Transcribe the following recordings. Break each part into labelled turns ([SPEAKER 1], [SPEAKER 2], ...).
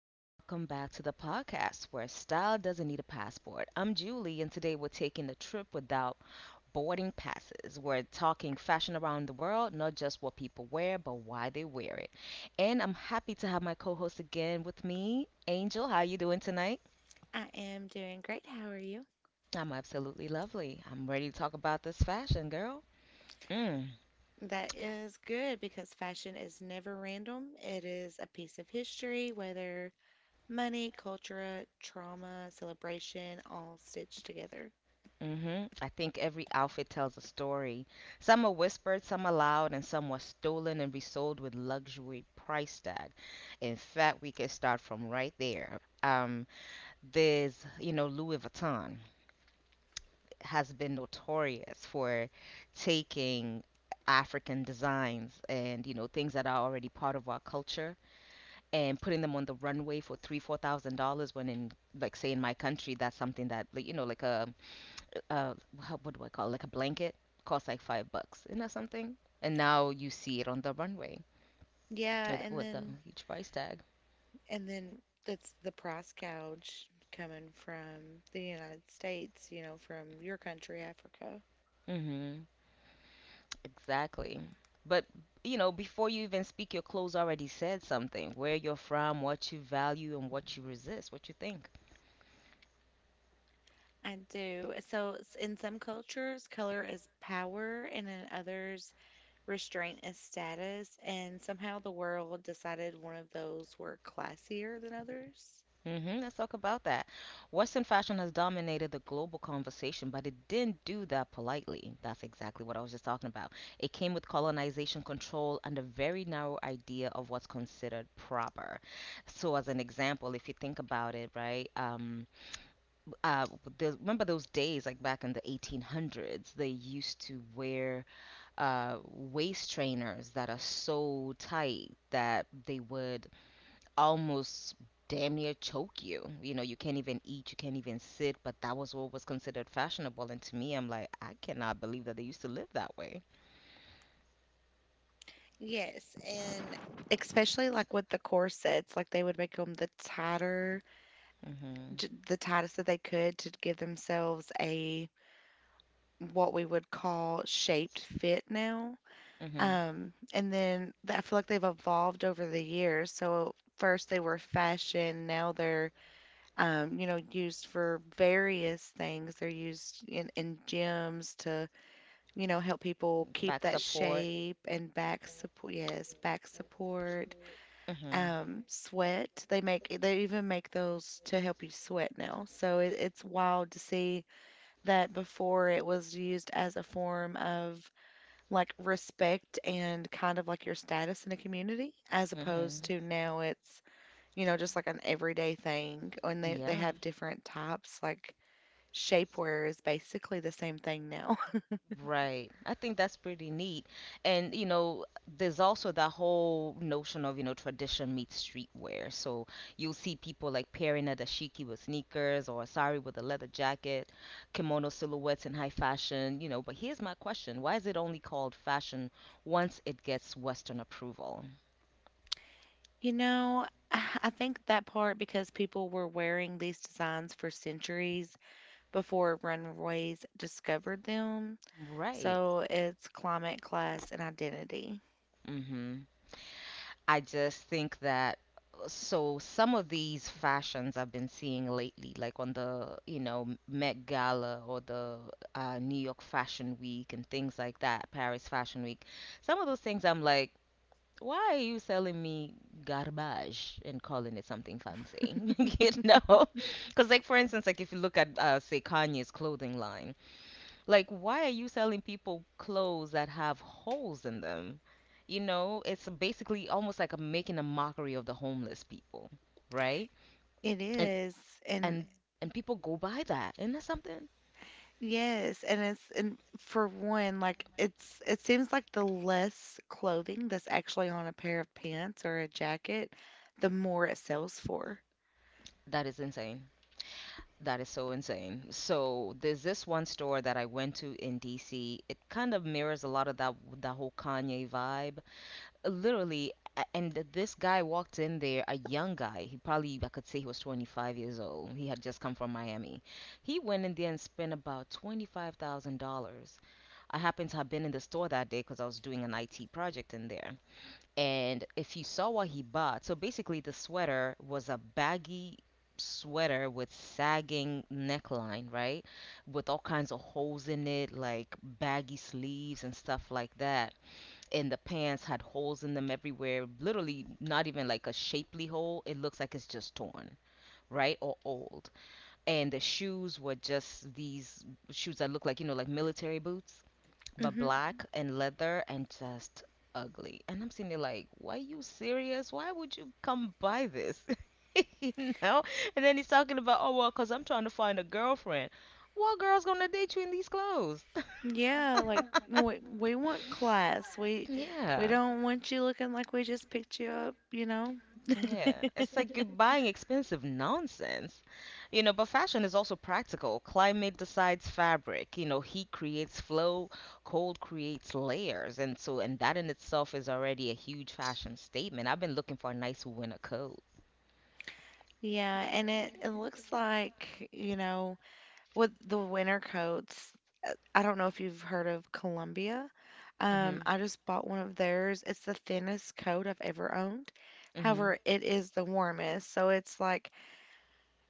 [SPEAKER 1] and welcome back to the podcast where style doesn't need a passport. I'm Julie, and today we're taking a trip without boarding passes. We're talking fashion around the world, not just what people wear, but why they wear it. And I'm happy to have my co-host again with me, Angel. How you doing tonight?
[SPEAKER 2] I am doing great. How are you?
[SPEAKER 1] I'm absolutely lovely. I'm ready to talk about this fashion, girl. Mm.
[SPEAKER 2] That is good because fashion is never random. It is a piece of history, whether money, culture, trauma, celebration, all stitched together.
[SPEAKER 1] I think every outfit tells a story. Some are whispered, some are loud, and some were stolen and resold with luxury price tag. In fact, we could start from right there. Louis Vuitton has been notorious for taking African designs , and things that are already part of our culture and putting them on the runway for three, $4,000 when, in, like, say, in my country, that's something that like, like a uh how, what do I call it? Like a blanket costs like $5, you that something, and now you see it on the runway
[SPEAKER 2] Yeah,
[SPEAKER 1] with with a huge price tag.
[SPEAKER 2] and then that's the price gouge coming from the United States, you know, from your country, Africa.
[SPEAKER 1] Mm-hmm, exactly. But before you even speak, your clothes already said something, where you're from, what you value, and what you resist, what you think.
[SPEAKER 2] I do. In some cultures, color is power, and in others, restraint as status, and somehow the world decided one of those were classier than others.
[SPEAKER 1] Let's talk about that. Western fashion has dominated the global conversation, but it didn't do that politely. That's exactly what I was just talking about. It came with colonization control and a very narrow idea of what's considered proper. So, as an example, if you think about it, right? Uh, remember those days, like back in the 1800s, they used to wear waist trainers that are so tight that they would almost damn near choke you. You can't even eat, you can't even sit, but that was what was considered fashionable. And to me, I'm like, I cannot believe that they used to live that way.
[SPEAKER 2] Yes, and especially like with the corsets, like they would make them the tighter,
[SPEAKER 1] Mm hmm.
[SPEAKER 2] the tightest that they could to give themselves a what we would call shaped fit now.
[SPEAKER 1] Mm hmm.
[SPEAKER 2] I feel like they've evolved over the years. So first they were fashion, now they're you know, used for various things. They're used in gyms to, you know, help people keep
[SPEAKER 1] Back
[SPEAKER 2] that
[SPEAKER 1] support.
[SPEAKER 2] shape and back support. Yes, back support.
[SPEAKER 1] Mm hmm.
[SPEAKER 2] Sweat. They even make those to help you sweat now. So it's wild to see that before it was used as a form of like respect and kind of like your status in a community, as
[SPEAKER 1] Mm hmm.
[SPEAKER 2] opposed to now it's, you know, just like an everyday thing. And they
[SPEAKER 1] Yeah.
[SPEAKER 2] have different types, like shapewear is basically the same thing now.
[SPEAKER 1] Right. I think that's pretty neat. And there's also that whole notion of tradition meets streetwear. So you'll see people like pairing a dashiki with sneakers or a sari with a leather jacket, kimono silhouettes in high fashion. But here's my question. Why is it only called fashion once it gets Western approval?
[SPEAKER 2] You know, I think that part because people were wearing these designs for centuries before runways discovered them.
[SPEAKER 1] Right.
[SPEAKER 2] So it's climate, class, and identity.
[SPEAKER 1] Mm-hmm. I just think that so some of these fashions I've been seeing lately, like on the Met Gala or the New York Fashion Week and things like that, Paris Fashion Week, some of those things I'm like, why are you selling me garbage and calling it something fancy? You know? Because, like, for instance, like if you look at, say, Kanye's clothing line, like, why are you selling people clothes that have holes in them? It's basically almost like a making a mockery of the homeless people, right?
[SPEAKER 2] It
[SPEAKER 1] And. Mhm.
[SPEAKER 2] is. And
[SPEAKER 1] and and people go buy that. Isn't that something?
[SPEAKER 2] yes, and it's, and for one, like it's, it seems like the less clothing that's actually on a pair of pants or a jacket, the more it sells for.
[SPEAKER 1] That is insane. That is so insane. So there's this one store that I went to in DC. It kind of mirrors a lot of that whole Kanye vibe. Literally, this guy walked in there, a young guy, he probably, I could say he was 25 years old. He had just come from Miami. He went in there and spent about $25,000. I happened to have been in the store that day because I was doing an it project in there. And if you saw what he bought. So basically, the sweater was a baggy sweater with sagging neckline, right, with all kinds of holes in it, like baggy sleeves and stuff like that. And the pants had holes in them everywhere. Literally, not even like a shapely hole. It looks like it's just torn, right? Or old. And the shoes were just these shoes that look like, like military boots, but
[SPEAKER 2] Hmm
[SPEAKER 1] black and leather and just ugly. And I'm sitting there like, why are you serious? Why would you come buy this? You know? And then he's talking about, oh, well, because I'm trying to find a girlfriend. What girl's going to date you in these clothes?
[SPEAKER 2] Yeah, like we want class. We
[SPEAKER 1] Yeah.
[SPEAKER 2] don't want you looking like we just picked you up, you know?
[SPEAKER 1] Yeah, it's like you're buying expensive nonsense. But fashion is also practical. Climate decides fabric. Heat creates flow, cold creates layers. And that in itself is already a huge fashion statement. I've been looking for a nice winter coat.
[SPEAKER 2] Yeah, and it looks like, you know, with the winter coats, I don't know if you've heard of Columbia.
[SPEAKER 1] Mhm.
[SPEAKER 2] I just bought one of theirs. It's the thinnest coat I've ever owned.
[SPEAKER 1] Mhm.
[SPEAKER 2] However, it is the warmest. So it's like,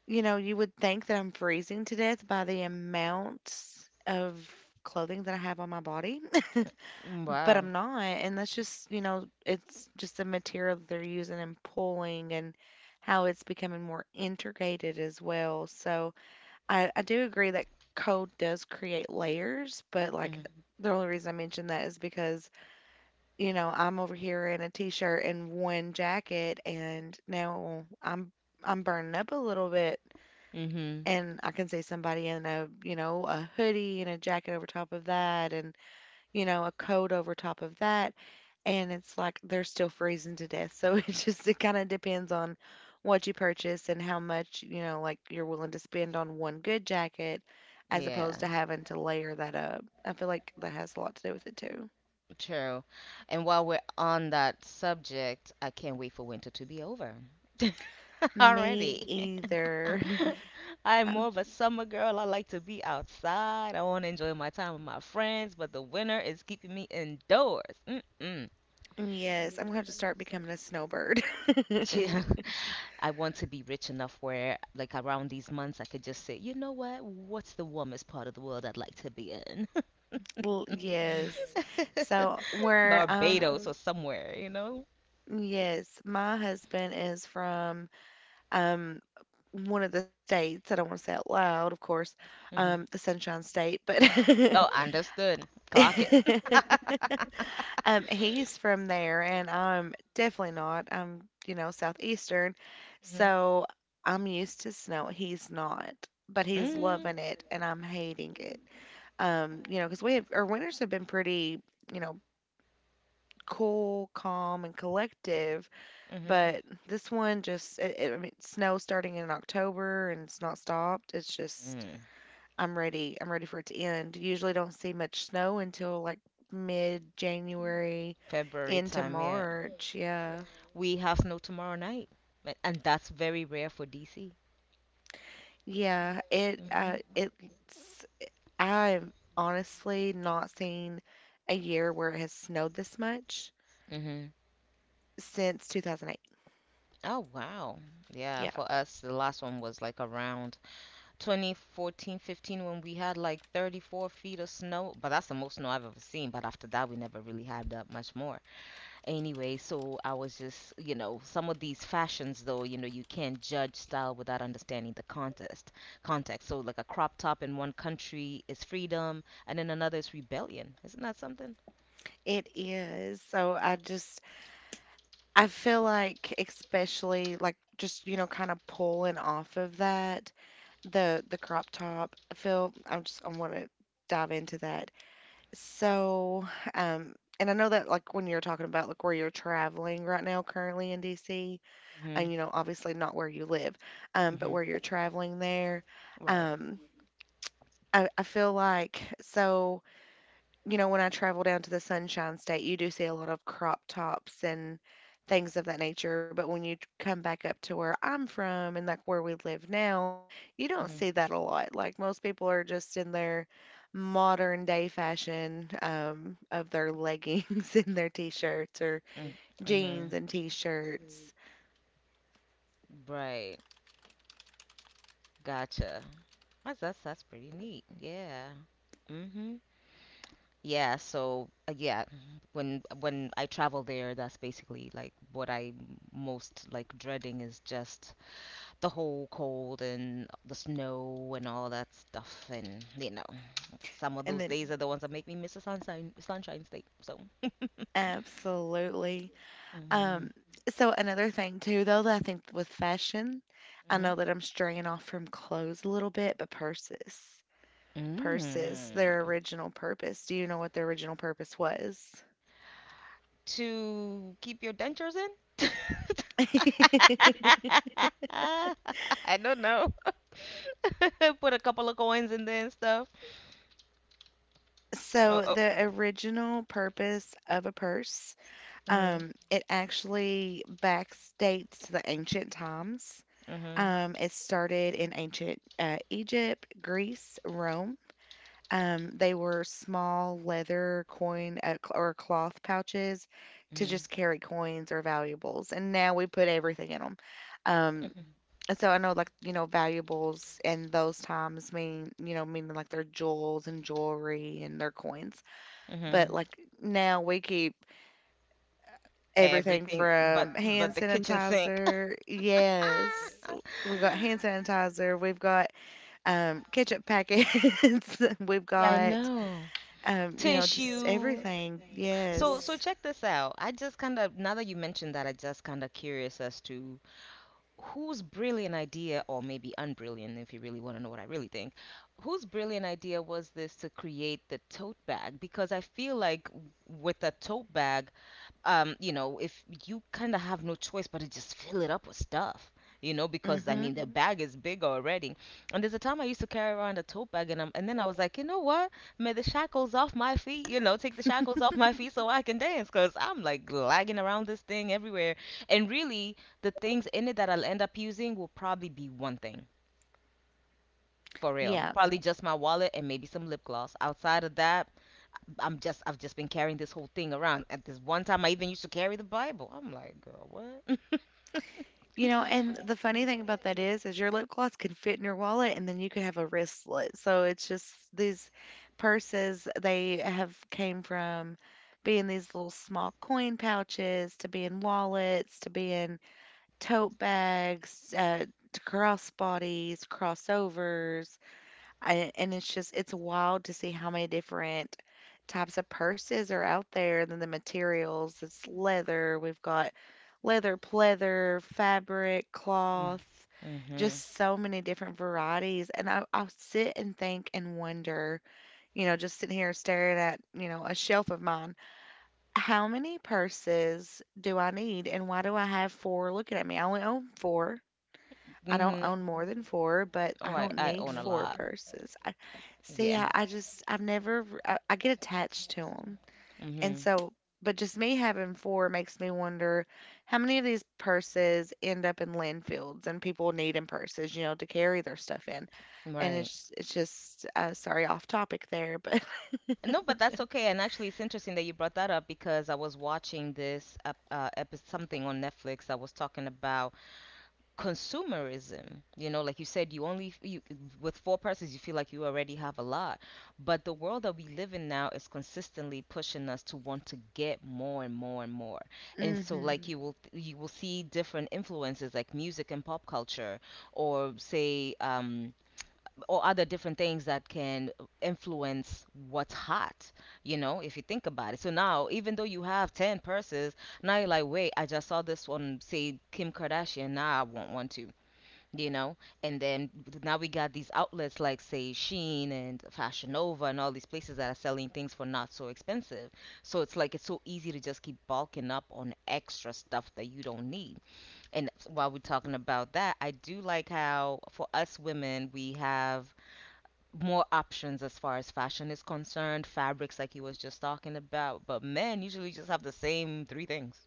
[SPEAKER 2] you know, you would think that I'm freezing to death by the amount of clothing that I have on my body, but
[SPEAKER 1] Wow.
[SPEAKER 2] I'm not. And that's just, you know, it's just the material that they're using and pulling and how it's becoming more integrated as well. So, I do agree that code does create layers, but like
[SPEAKER 1] Mhm.
[SPEAKER 2] the only reason I mention that is because, you know, I'm over here in a t-shirt and one jacket and now I'm burning up a little bit
[SPEAKER 1] Mhm.
[SPEAKER 2] and I can see somebody in a, you know, a hoodie and a jacket over top of that and, you know, a coat over top of that, and it's like they're still freezing to death. So it just it kind of depends on what you purchase and how much, you know, like you're willing to spend on one good jacket as
[SPEAKER 1] Yeah.
[SPEAKER 2] opposed to having to layer that up. I feel like that has a lot to do with it too.
[SPEAKER 1] True. And while we're on that subject, I can't wait for winter to be over.
[SPEAKER 2] Me
[SPEAKER 1] Already.
[SPEAKER 2] either.
[SPEAKER 1] I'm more of a summer girl. I like to be outside. I want to enjoy my time with my friends, but the winter is keeping me indoors. Mm-mm.
[SPEAKER 2] Yes, I'm gonna have to start becoming a snowbird.
[SPEAKER 1] Yeah. I want to be rich enough where, like, around these months, I could just say, you know what? What's the warmest part of the world I'd like to be in?
[SPEAKER 2] Well, yes. So where
[SPEAKER 1] Barbados or somewhere?
[SPEAKER 2] yes, my husband is from um one of the states, I don't wanna say out loud, of course,
[SPEAKER 1] Hmm.
[SPEAKER 2] the Sunshine State, but
[SPEAKER 1] Oh, understood. Clock it.
[SPEAKER 2] he's from there, and I'm definitely not. I'm, you know, southeastern,
[SPEAKER 1] Hmm.
[SPEAKER 2] so I'm used to snow. He's not, but he's
[SPEAKER 1] Mm-hmm.
[SPEAKER 2] loving it, and I'm hating it. You know, because we have our winters have been pretty, you know, cool, calm, and collective,
[SPEAKER 1] Mm.
[SPEAKER 2] but this one just, I mean, snow starting in October and it's not stopped. It's just
[SPEAKER 1] Mm.
[SPEAKER 2] I'm ready. I'm ready for it to end. Usually don't see much snow until like mid January
[SPEAKER 1] February
[SPEAKER 2] into
[SPEAKER 1] time, yeah.
[SPEAKER 2] March. Yeah.
[SPEAKER 1] We have no tomorrow night, and that's very rare for DC.
[SPEAKER 2] Yeah, it uh
[SPEAKER 1] Hmm.
[SPEAKER 2] it's I've honestly not seen a year where it has snowed this much
[SPEAKER 1] Hmm.
[SPEAKER 2] since 2008.
[SPEAKER 1] Oh, wow, yeah.
[SPEAKER 2] Yeah,
[SPEAKER 1] For us, the last one was like around 2014 15 when we had like 34 feet of snow. But that's the most snow I've ever seen. But after that, we never really had that much more. Anyway, so I was just, some of these fashions though, you can't judge style without understanding the contest context. So like a crop top in one country is freedom, and in another is rebellion. Isn't that something?
[SPEAKER 2] it is. So I just I feel like especially like just you know kind of pulling off of that the crop top. I feel I want to dive into that. So, um, and I know that like when you're talking about like where you're traveling right now currently in DC,
[SPEAKER 1] Mm-hmm.
[SPEAKER 2] and you know, obviously not where you live, but
[SPEAKER 1] Mhm.
[SPEAKER 2] where you're traveling there,
[SPEAKER 1] Right.
[SPEAKER 2] um, I feel like so, you know, when I travel down to the Sunshine State, you do see a lot of crop tops and things of that nature. But when come back up to where I'm from and like where we live now, you don't see
[SPEAKER 1] Mhm.
[SPEAKER 2] that a lot. Like most people are just in their modern day fashion of their leggings and their t shirts or
[SPEAKER 1] Mm.
[SPEAKER 2] jeans
[SPEAKER 1] Mhm.
[SPEAKER 2] and t shirts.
[SPEAKER 1] Right. Gotcha. That's pretty neat. Yeah. Mhm. Yeah. So yeah, when I travel there, that's basically like what I most like dreading is just the whole cold and the snow and all that stuff. And some of
[SPEAKER 2] And
[SPEAKER 1] those
[SPEAKER 2] then,
[SPEAKER 1] days are the ones that make me miss the sunshine state. So.
[SPEAKER 2] absolutely.
[SPEAKER 1] Mhm.
[SPEAKER 2] Um, so another thing too, though, that I think with fashion, I
[SPEAKER 1] Mhm.
[SPEAKER 2] know that I'm straying off from clothes a little bit, but purses, their
[SPEAKER 1] Mm.
[SPEAKER 2] original purpose. Do you know what their original purpose was?
[SPEAKER 1] To keep your dentures in? I don't know. Put a couple of coins in there and stuff. Oh,
[SPEAKER 2] So
[SPEAKER 1] oh.
[SPEAKER 2] the original purpose of a purse,
[SPEAKER 1] Mhm.
[SPEAKER 2] it actually backdates to the ancient times.
[SPEAKER 1] Mhm.
[SPEAKER 2] It started in ancient Egypt, Greece, Rome. They were small leather coin or cloth pouches to
[SPEAKER 1] Mhm.
[SPEAKER 2] just carry coins or valuables. And now we put everything in them. Um,
[SPEAKER 1] Mhm.
[SPEAKER 2] and so I know like, you know, valuables in those times mean, you know, meaning like their jewels and jewelry and their coins. But
[SPEAKER 1] Mhm.
[SPEAKER 2] like now we keep everything
[SPEAKER 1] Everything but
[SPEAKER 2] from hand
[SPEAKER 1] but the kitchen sink.
[SPEAKER 2] sanitizer. Yes. We got hand sanitizer. We've got ketchup packets. We've
[SPEAKER 1] Yeah, I
[SPEAKER 2] got
[SPEAKER 1] know.
[SPEAKER 2] you know, just
[SPEAKER 1] Tissue.
[SPEAKER 2] everything.
[SPEAKER 1] So
[SPEAKER 2] Yes.
[SPEAKER 1] check this out. I just kind of now that you mentioned that, I just kind of curious as to whose brilliant idea, or maybe unbrilliant if you really want to know what I really think, whose brilliant idea was this to create the tote bag? Because I feel like with a tote bag, if you kind of have no choice but to just fill it up with stuff, you know,
[SPEAKER 2] mm
[SPEAKER 1] because I
[SPEAKER 2] Mhm.
[SPEAKER 1] mean, the bag is big already. And there's a time I used to carry around a tote bag, and then I was like, you know what? May the shackles off my feet, take the shackles off my feet so I can dance, because I'm like lagging around this thing everywhere. And really, the things in it that I'll end up using will probably be one thing. For real,
[SPEAKER 2] Yeah.
[SPEAKER 1] probably just my wallet and maybe some lip gloss. Outside of that, I've just been carrying this whole thing around. At this one time, I even used to carry the Bible. I'm like, girl, what?
[SPEAKER 2] You know, and the funny thing about that is your lip gloss can fit in your wallet and then you could have a wristlet. So it's just these purses they have came from being these little small coin pouches to being wallets to being tote bags to crossbodies, crossovers, and it's just it's wild to see how many different types of purses are out there. Then the materials. It's leather. We've got leather, pleather, fabric, cloth,
[SPEAKER 1] Hmm.
[SPEAKER 2] just so many different varieties. And I'll sit and think and wonder, you know, just sitting here staring at, you know, a shelf of mine, how many purses do I need and why do I have four looking at me? I only own four. I don't own
[SPEAKER 1] Hmm.
[SPEAKER 2] more than four, but
[SPEAKER 1] Oh,
[SPEAKER 2] I
[SPEAKER 1] I
[SPEAKER 2] don't
[SPEAKER 1] I
[SPEAKER 2] need
[SPEAKER 1] own a
[SPEAKER 2] four
[SPEAKER 1] lot.
[SPEAKER 2] purses. I see,
[SPEAKER 1] Yeah.
[SPEAKER 2] I just I've never r I get attached to them, and
[SPEAKER 1] Hmm.
[SPEAKER 2] so but just me having four makes me wonder how many of these purses end up in landfills and people need in purses, you know, to carry their stuff in, and
[SPEAKER 1] Right.
[SPEAKER 2] it's just, sorry, off topic there, but
[SPEAKER 1] No, but that's okay. And actually, it's interesting that you brought that up because I was watching this something on Netflix that was talking about consumerism. Like you said, you only you with four persons, you feel like you already have a lot. But the world that we live in now is consistently pushing us to want to get more and more and more. And so,
[SPEAKER 2] Mhm.
[SPEAKER 1] like, you will see different influences like music and pop culture, or say or other different things that can influence what's hot. If you think about it, so now even though you have 10 purses, now you're like, wait, I just saw this one, say Kim Kardashian, now I want one too. You know and then now we got these outlets, like say Shein and Fashion Nova, and all these places that are selling things for not so expensive. So it's like, it's so easy to just keep bulking up on extra stuff that you don't need. And while we're talking about that, I do like how for us women we have more options as far as fashion is concerned, fabrics like you was just talking about, but men usually just have the same three things.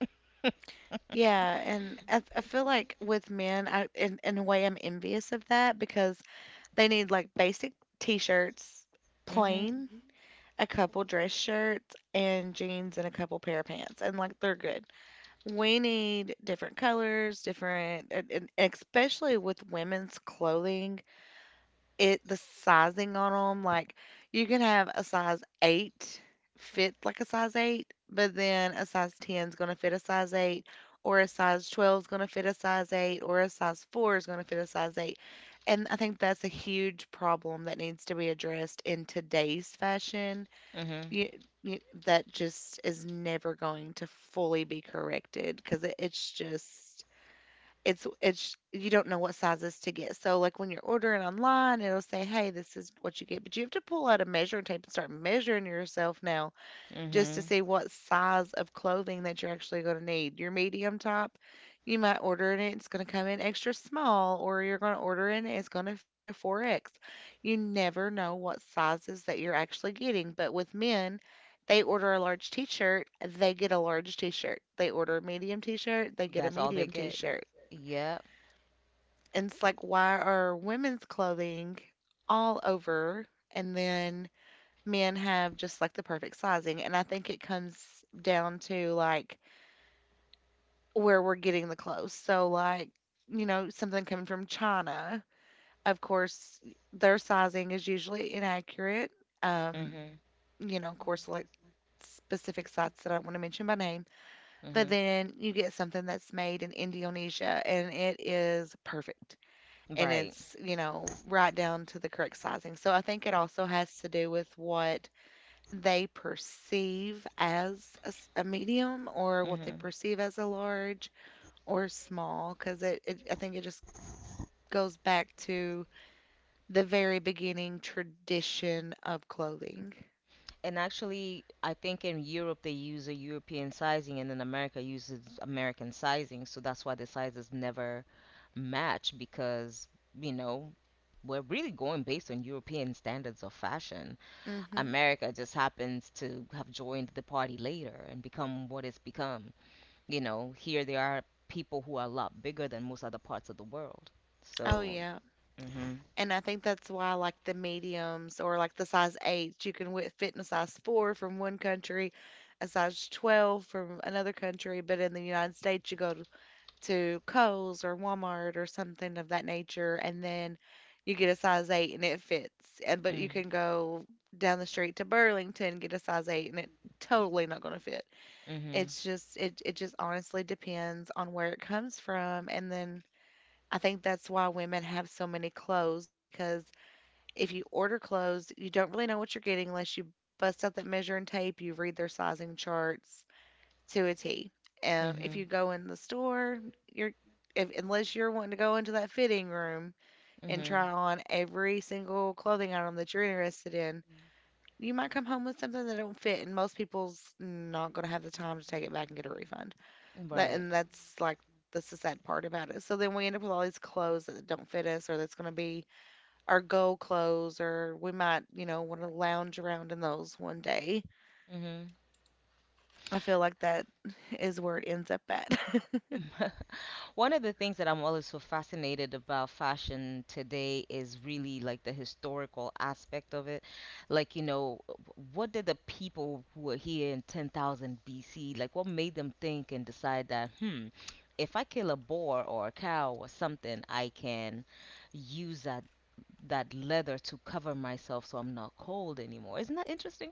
[SPEAKER 2] Yeah, and I feel like with men, I in a way, I'm envious of that because they need like basic t-shirts,
[SPEAKER 1] Mhm.
[SPEAKER 2] plain, a couple dress shirts and jeans and a couple pair of pants and like they're good. We need different colors, different, and especially with women's clothing it the sizing on them like, you can have a size 8 fit like a size 8, but then a size 10 is gonna fit a size 8, or a size 12 is gonna fit a size 8, or a size 4 is gonna fit a size 8. And I think that's a huge problem that needs to be addressed in today's fashion.
[SPEAKER 1] Mhm.
[SPEAKER 2] You, you, that just is never going to fully be corrected because it's just it's you don't know what sizes to get. So like when you're ordering online, it'll say, "Hey, this is what you get," but you have to pull out a measuring tape and start measuring yourself now just to
[SPEAKER 1] Mhm.
[SPEAKER 2] see what size of clothing that you're actually going to need. Your medium top, you might order it, it's going to come in extra small, or you're going to order it, it's going to fit a 4X. You never know what sizes that you're actually getting, but with men, they order a large t-shirt, they get a large t-shirt. They order a medium t-shirt, they get a
[SPEAKER 1] That's all they
[SPEAKER 2] medium
[SPEAKER 1] get,
[SPEAKER 2] t-shirt.
[SPEAKER 1] yeah.
[SPEAKER 2] And it's like, why are women's clothing all over and then men have just like the perfect sizing? And I think it comes down to like where we're getting the clothes. So, like, you know, something coming from China, of course, their sizing is usually inaccurate. Um,
[SPEAKER 1] Hmm.
[SPEAKER 2] you know, of course, like specific sites that I don't want to mention by name. But
[SPEAKER 1] Hmm.
[SPEAKER 2] then you get something that's made in Indonesia and it is perfect. And
[SPEAKER 1] Right.
[SPEAKER 2] it's, you know, right down to the correct sizing. So I think it also has to do with what they perceive as a, a medium or what they
[SPEAKER 1] hmm
[SPEAKER 2] perceive as a large or small, because I think it just goes back to the very beginning tradition of clothing.
[SPEAKER 1] And actually, I think in Europe they use a European sizing, and in America uses American sizing. So that's why the sizes never match because, you know, we're really going based on European standards of fashion.
[SPEAKER 2] Hmm
[SPEAKER 1] America just happens to have joined the party later and become what it's become. Here there are people who are a lot bigger than most other parts of the world.
[SPEAKER 2] Oh,
[SPEAKER 1] So.
[SPEAKER 2] yeah.
[SPEAKER 1] Hmm.
[SPEAKER 2] And I think that's why, like, the mediums or like the size 8, you can fit in a size 4 from one country, a size 12 from another country. But in the United States, to Kohl's or Walmart or something of that nature, and then you get a size 8 and it fits. And but you can
[SPEAKER 1] Hmm.
[SPEAKER 2] go down the street to Burlington, get a size 8, and it totally not going to fit.
[SPEAKER 1] Hmm.
[SPEAKER 2] It's just it just honestly depends on where it comes from, and then I think that's why women have so many clothes because if you order clothes, you don't really know what you're getting unless you bust out that measuring tape, you read their sizing charts to a T. If
[SPEAKER 1] Hmm.
[SPEAKER 2] you go in the store, you're if, unless you're wanting to go into that fitting room and try
[SPEAKER 1] Hmm.
[SPEAKER 2] on every single clothing item that you're interested in, you might come home with something that don't fit, and most people's not going to have the time to take it back and get a refund.
[SPEAKER 1] Right.
[SPEAKER 2] That's like that's the sad part about it. So then we end up with all these clothes that don't fit us, or that's going to be our go clothes, or we might, you know, want to lounge around in those one day.
[SPEAKER 1] Hmm.
[SPEAKER 2] I feel like that is where it ends up at.
[SPEAKER 1] One of the things that I'm always so fascinated about fashion today is really like the historical aspect of it. Like, what did the people who were here in 10,000 BC, like what made them think and decide that, if I kill a boar or a cow or something, I can use that leather to cover myself so I'm not cold anymore. Isn't that interesting?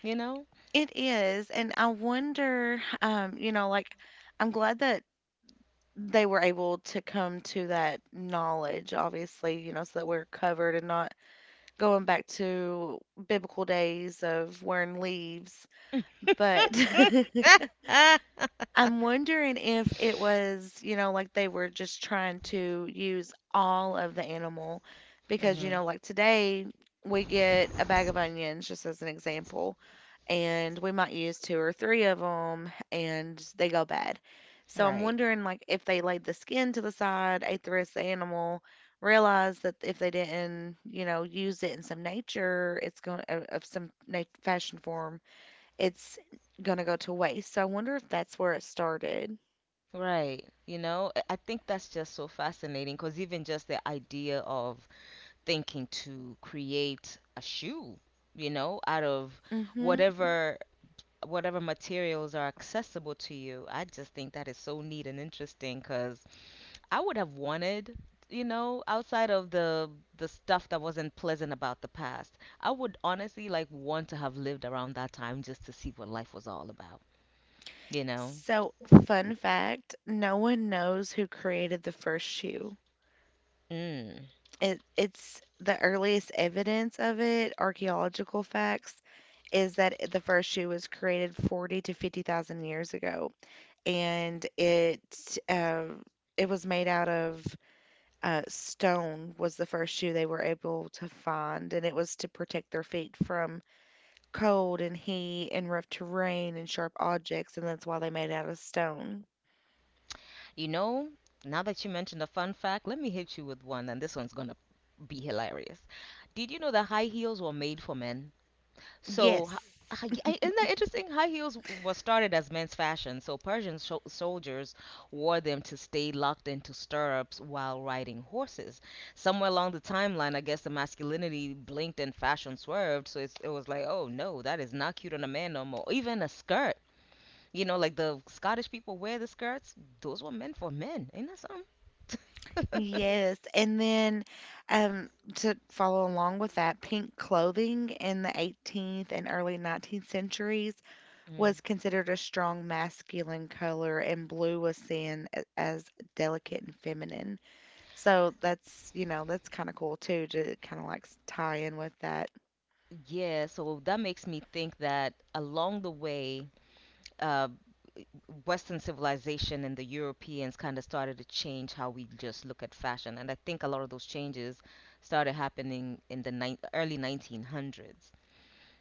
[SPEAKER 1] You know?
[SPEAKER 2] It is, and I wonder, you know, like I'm glad that they were able to come to that knowledge, obviously, you know, so that we're covered and not going back to biblical days of wearing leaves. But I'm wondering if it was, you know, like they were just trying to use all of the animal because, you
[SPEAKER 1] Mhm.
[SPEAKER 2] know, like today we get a bag of onions, just as an example, and we might use two or three of them and they go bad. So I'm
[SPEAKER 1] Right.
[SPEAKER 2] wondering, like, if they laid the skin to the side, ate the rest of the animal, realized that if they didn't, you know, use it in some nature, it's going of some nat- fashion form it's gonna go to waste. So I wonder if that's where it started.
[SPEAKER 1] Right. I think that's just so fascinating because even just the idea of thinking to create a shoe, out of, Mhm,
[SPEAKER 2] Hmm
[SPEAKER 1] whatever materials are accessible to you. I just think that is so neat and interesting because I would have wanted, outside of the stuff that wasn't pleasant about the past, I would honestly like want to have lived around that time just to see what life was all about, you know?
[SPEAKER 2] So, fun fact, no one knows who created the first shoe.
[SPEAKER 1] Mm.
[SPEAKER 2] It's the earliest evidence of it, archaeological facts, is that the first shoe was created 40 to 50,000 years ago. And uh, it was made out of Stone was the first shoe they were able to find, and it was to protect their feet from cold and heat and rough terrain and sharp objects, and that's why they made it out of stone.
[SPEAKER 1] You know, now that you mentioned a fun fact, let me hit you with one, and this one's gonna be hilarious. Did you know that high heels were made for men? So,
[SPEAKER 2] Yes.
[SPEAKER 1] isn't that interesting? High heels was started as men's fashion, so Persian soldiers wore them to stay locked into stirrups while riding horses. Somewhere along the timeline, I guess the masculinity blinked and fashion swerved, so it was like, oh no, that is not cute on a man no more. Even a skirt, like the Scottish people wear the skirts. Those were meant for men. Ain't that something?
[SPEAKER 2] Yes. And then um, to follow along with that, pink clothing in the 18th and early 19th centuries
[SPEAKER 1] Mm.
[SPEAKER 2] was considered a strong masculine color, and blue was seen as delicate and feminine. So that's, you know, that's kind of cool too to kind of like tie in with that.
[SPEAKER 1] Yeah, so that makes me think that along the way, uh, Western civilization and the Europeans kind of started to change how we just look at fashion. And I think a lot of those changes started happening in the nine early 1900s,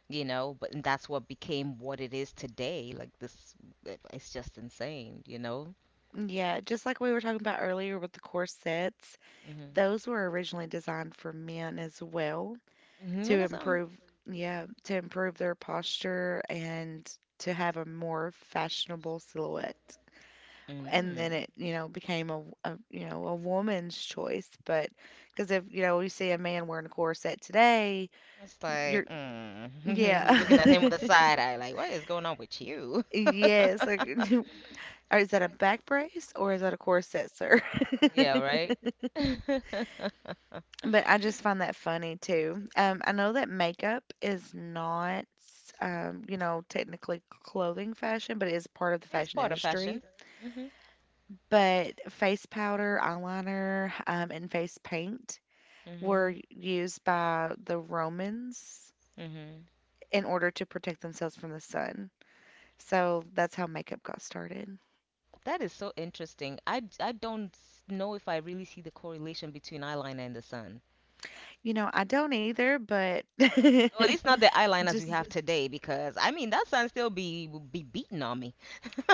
[SPEAKER 1] you know, but and that's what became what it is today. Like this, it's just insane, you know?
[SPEAKER 2] Yeah, just like we were talking about earlier with the corsets.
[SPEAKER 1] Mhm.
[SPEAKER 2] Those were originally designed for men as well
[SPEAKER 1] Hmm.
[SPEAKER 2] to
[SPEAKER 1] And that's something.
[SPEAKER 2] improve, yeah, to improve their posture and to have a more fashionable silhouette. And
[SPEAKER 1] Mm.
[SPEAKER 2] then it, you know, became a you know, a woman's choice, but because if, you know, you see a man wearing a corset today,
[SPEAKER 1] It's like,
[SPEAKER 2] you're
[SPEAKER 1] we
[SPEAKER 2] yeah.
[SPEAKER 1] looking at him with a side eye, like, what is going on with you?
[SPEAKER 2] Yes, like, or is that a back brace, or is that a corset, sir?
[SPEAKER 1] Yeah, right. It's
[SPEAKER 2] But I just find that funny too. I know that makeup is not, you know, technically clothing fashion, but it is part of the fashion
[SPEAKER 1] part of
[SPEAKER 2] industry.
[SPEAKER 1] fashion. Mhm.
[SPEAKER 2] But face powder, eyeliner, and face paint were
[SPEAKER 1] Mhm.
[SPEAKER 2] used by the Romans
[SPEAKER 1] Mhm.
[SPEAKER 2] in order to protect themselves from the sun. So that's how makeup got started.
[SPEAKER 1] That is so interesting. I don't know if I really see the correlation between eyeliner and the sun.
[SPEAKER 2] You know, I don't either, but
[SPEAKER 1] Or at least not the eyeliners we
[SPEAKER 2] just
[SPEAKER 1] have today, because I mean that sun still be beating on me,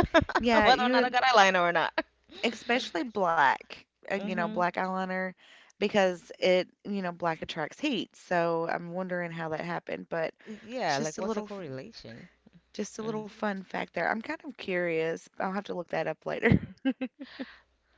[SPEAKER 2] yeah,
[SPEAKER 1] whether or
[SPEAKER 2] you
[SPEAKER 1] not
[SPEAKER 2] would.
[SPEAKER 1] I got eyeliner or not.
[SPEAKER 2] Especially black, you know,
[SPEAKER 1] Mhm.
[SPEAKER 2] black eyeliner, because it, you know, black attracts heat. So I'm wondering how that happened, but it's
[SPEAKER 1] Yeah, like what's the correlation?
[SPEAKER 2] just a little
[SPEAKER 1] Mm-hmm.
[SPEAKER 2] fun fact there. I'm kind of curious. I'll have to look that up later.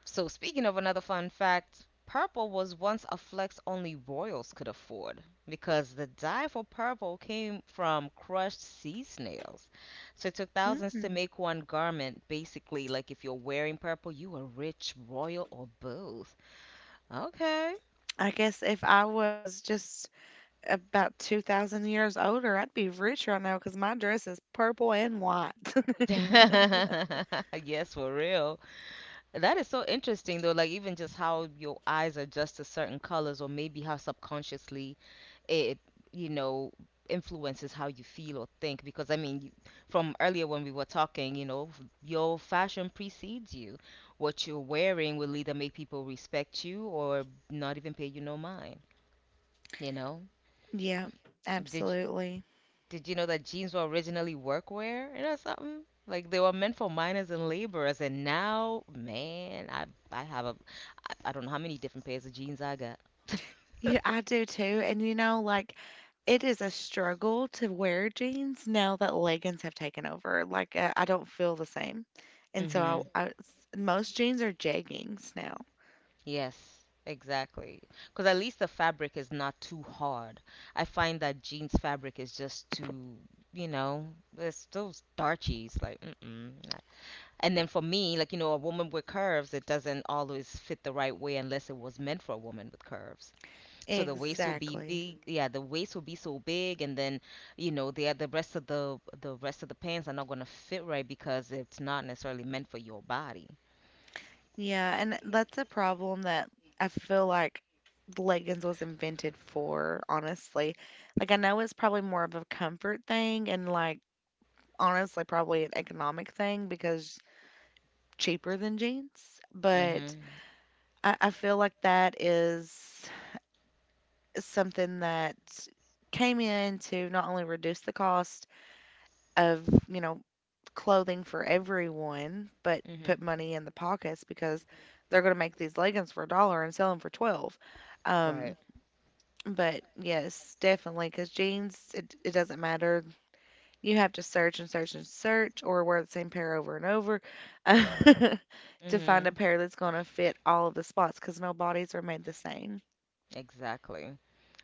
[SPEAKER 1] So, speaking of another fun fact, purple was once a flex only royals could afford because the dye for purple came from crushed sea snails. So, it took thousands to
[SPEAKER 2] Mm.
[SPEAKER 1] make one garment. Basically, like if you're wearing purple, you are rich, royal, or both. Okay.
[SPEAKER 2] I guess if I was just about 2,000 years older, I'd be rich right now because my dress is purple and white.
[SPEAKER 1] Yes, for real. That is so interesting, though. Like, even just how your eyes adjust to certain colors, or maybe how subconsciously it you know influences how you feel or think. Because I mean, you, from earlier when we were talking, your fashion precedes you. What you're wearing will either make people respect you or not even pay you no mind. you know
[SPEAKER 2] Yeah,
[SPEAKER 1] did
[SPEAKER 2] absolutely.
[SPEAKER 1] did you know that jeans were originally workwear, something like they were meant for miners and laborers? And now, man, I have I don't know how many different pairs of jeans I got.
[SPEAKER 2] Yeah, I do too. And you know, like it is a struggle to wear jeans now that leggings have taken over. Like, I don't feel the same. And
[SPEAKER 1] Mhm.
[SPEAKER 2] so most jeans are jeggings now.
[SPEAKER 1] Yes, exactly. Because at least the fabric is not too hard. I find that jeans fabric is just too, you know, it's those starchies. Like, mm-mm. And then for me, like, a woman with curves, it doesn't always fit the right way unless it was meant for a woman with curves. So the waist will be
[SPEAKER 2] Exactly.
[SPEAKER 1] big. Yeah, the waist will be so big, and then, the rest of the pants are not gonna fit right because it's not necessarily meant for your body.
[SPEAKER 2] Yeah, and that's a problem that I feel like leggings was invented for, honestly. Like, I know it's probably more of a comfort thing, and like honestly probably an economic thing because cheaper than jeans, but
[SPEAKER 1] Mhm.
[SPEAKER 2] I feel like that is something that came in to not only reduce the cost of, you know, clothing for everyone, but put
[SPEAKER 1] Mhm.
[SPEAKER 2] money in the pockets because they're going to make these leggings for a dollar and sell them for 12.
[SPEAKER 1] Right.
[SPEAKER 2] Um, but yes, definitely, because jeans, it doesn't matter. You have to search and search and search or wear the same pair over and over to find a
[SPEAKER 1] Mhm.
[SPEAKER 2] pair that's going to fit all of the spots because no bodies are made the same.
[SPEAKER 1] Exactly.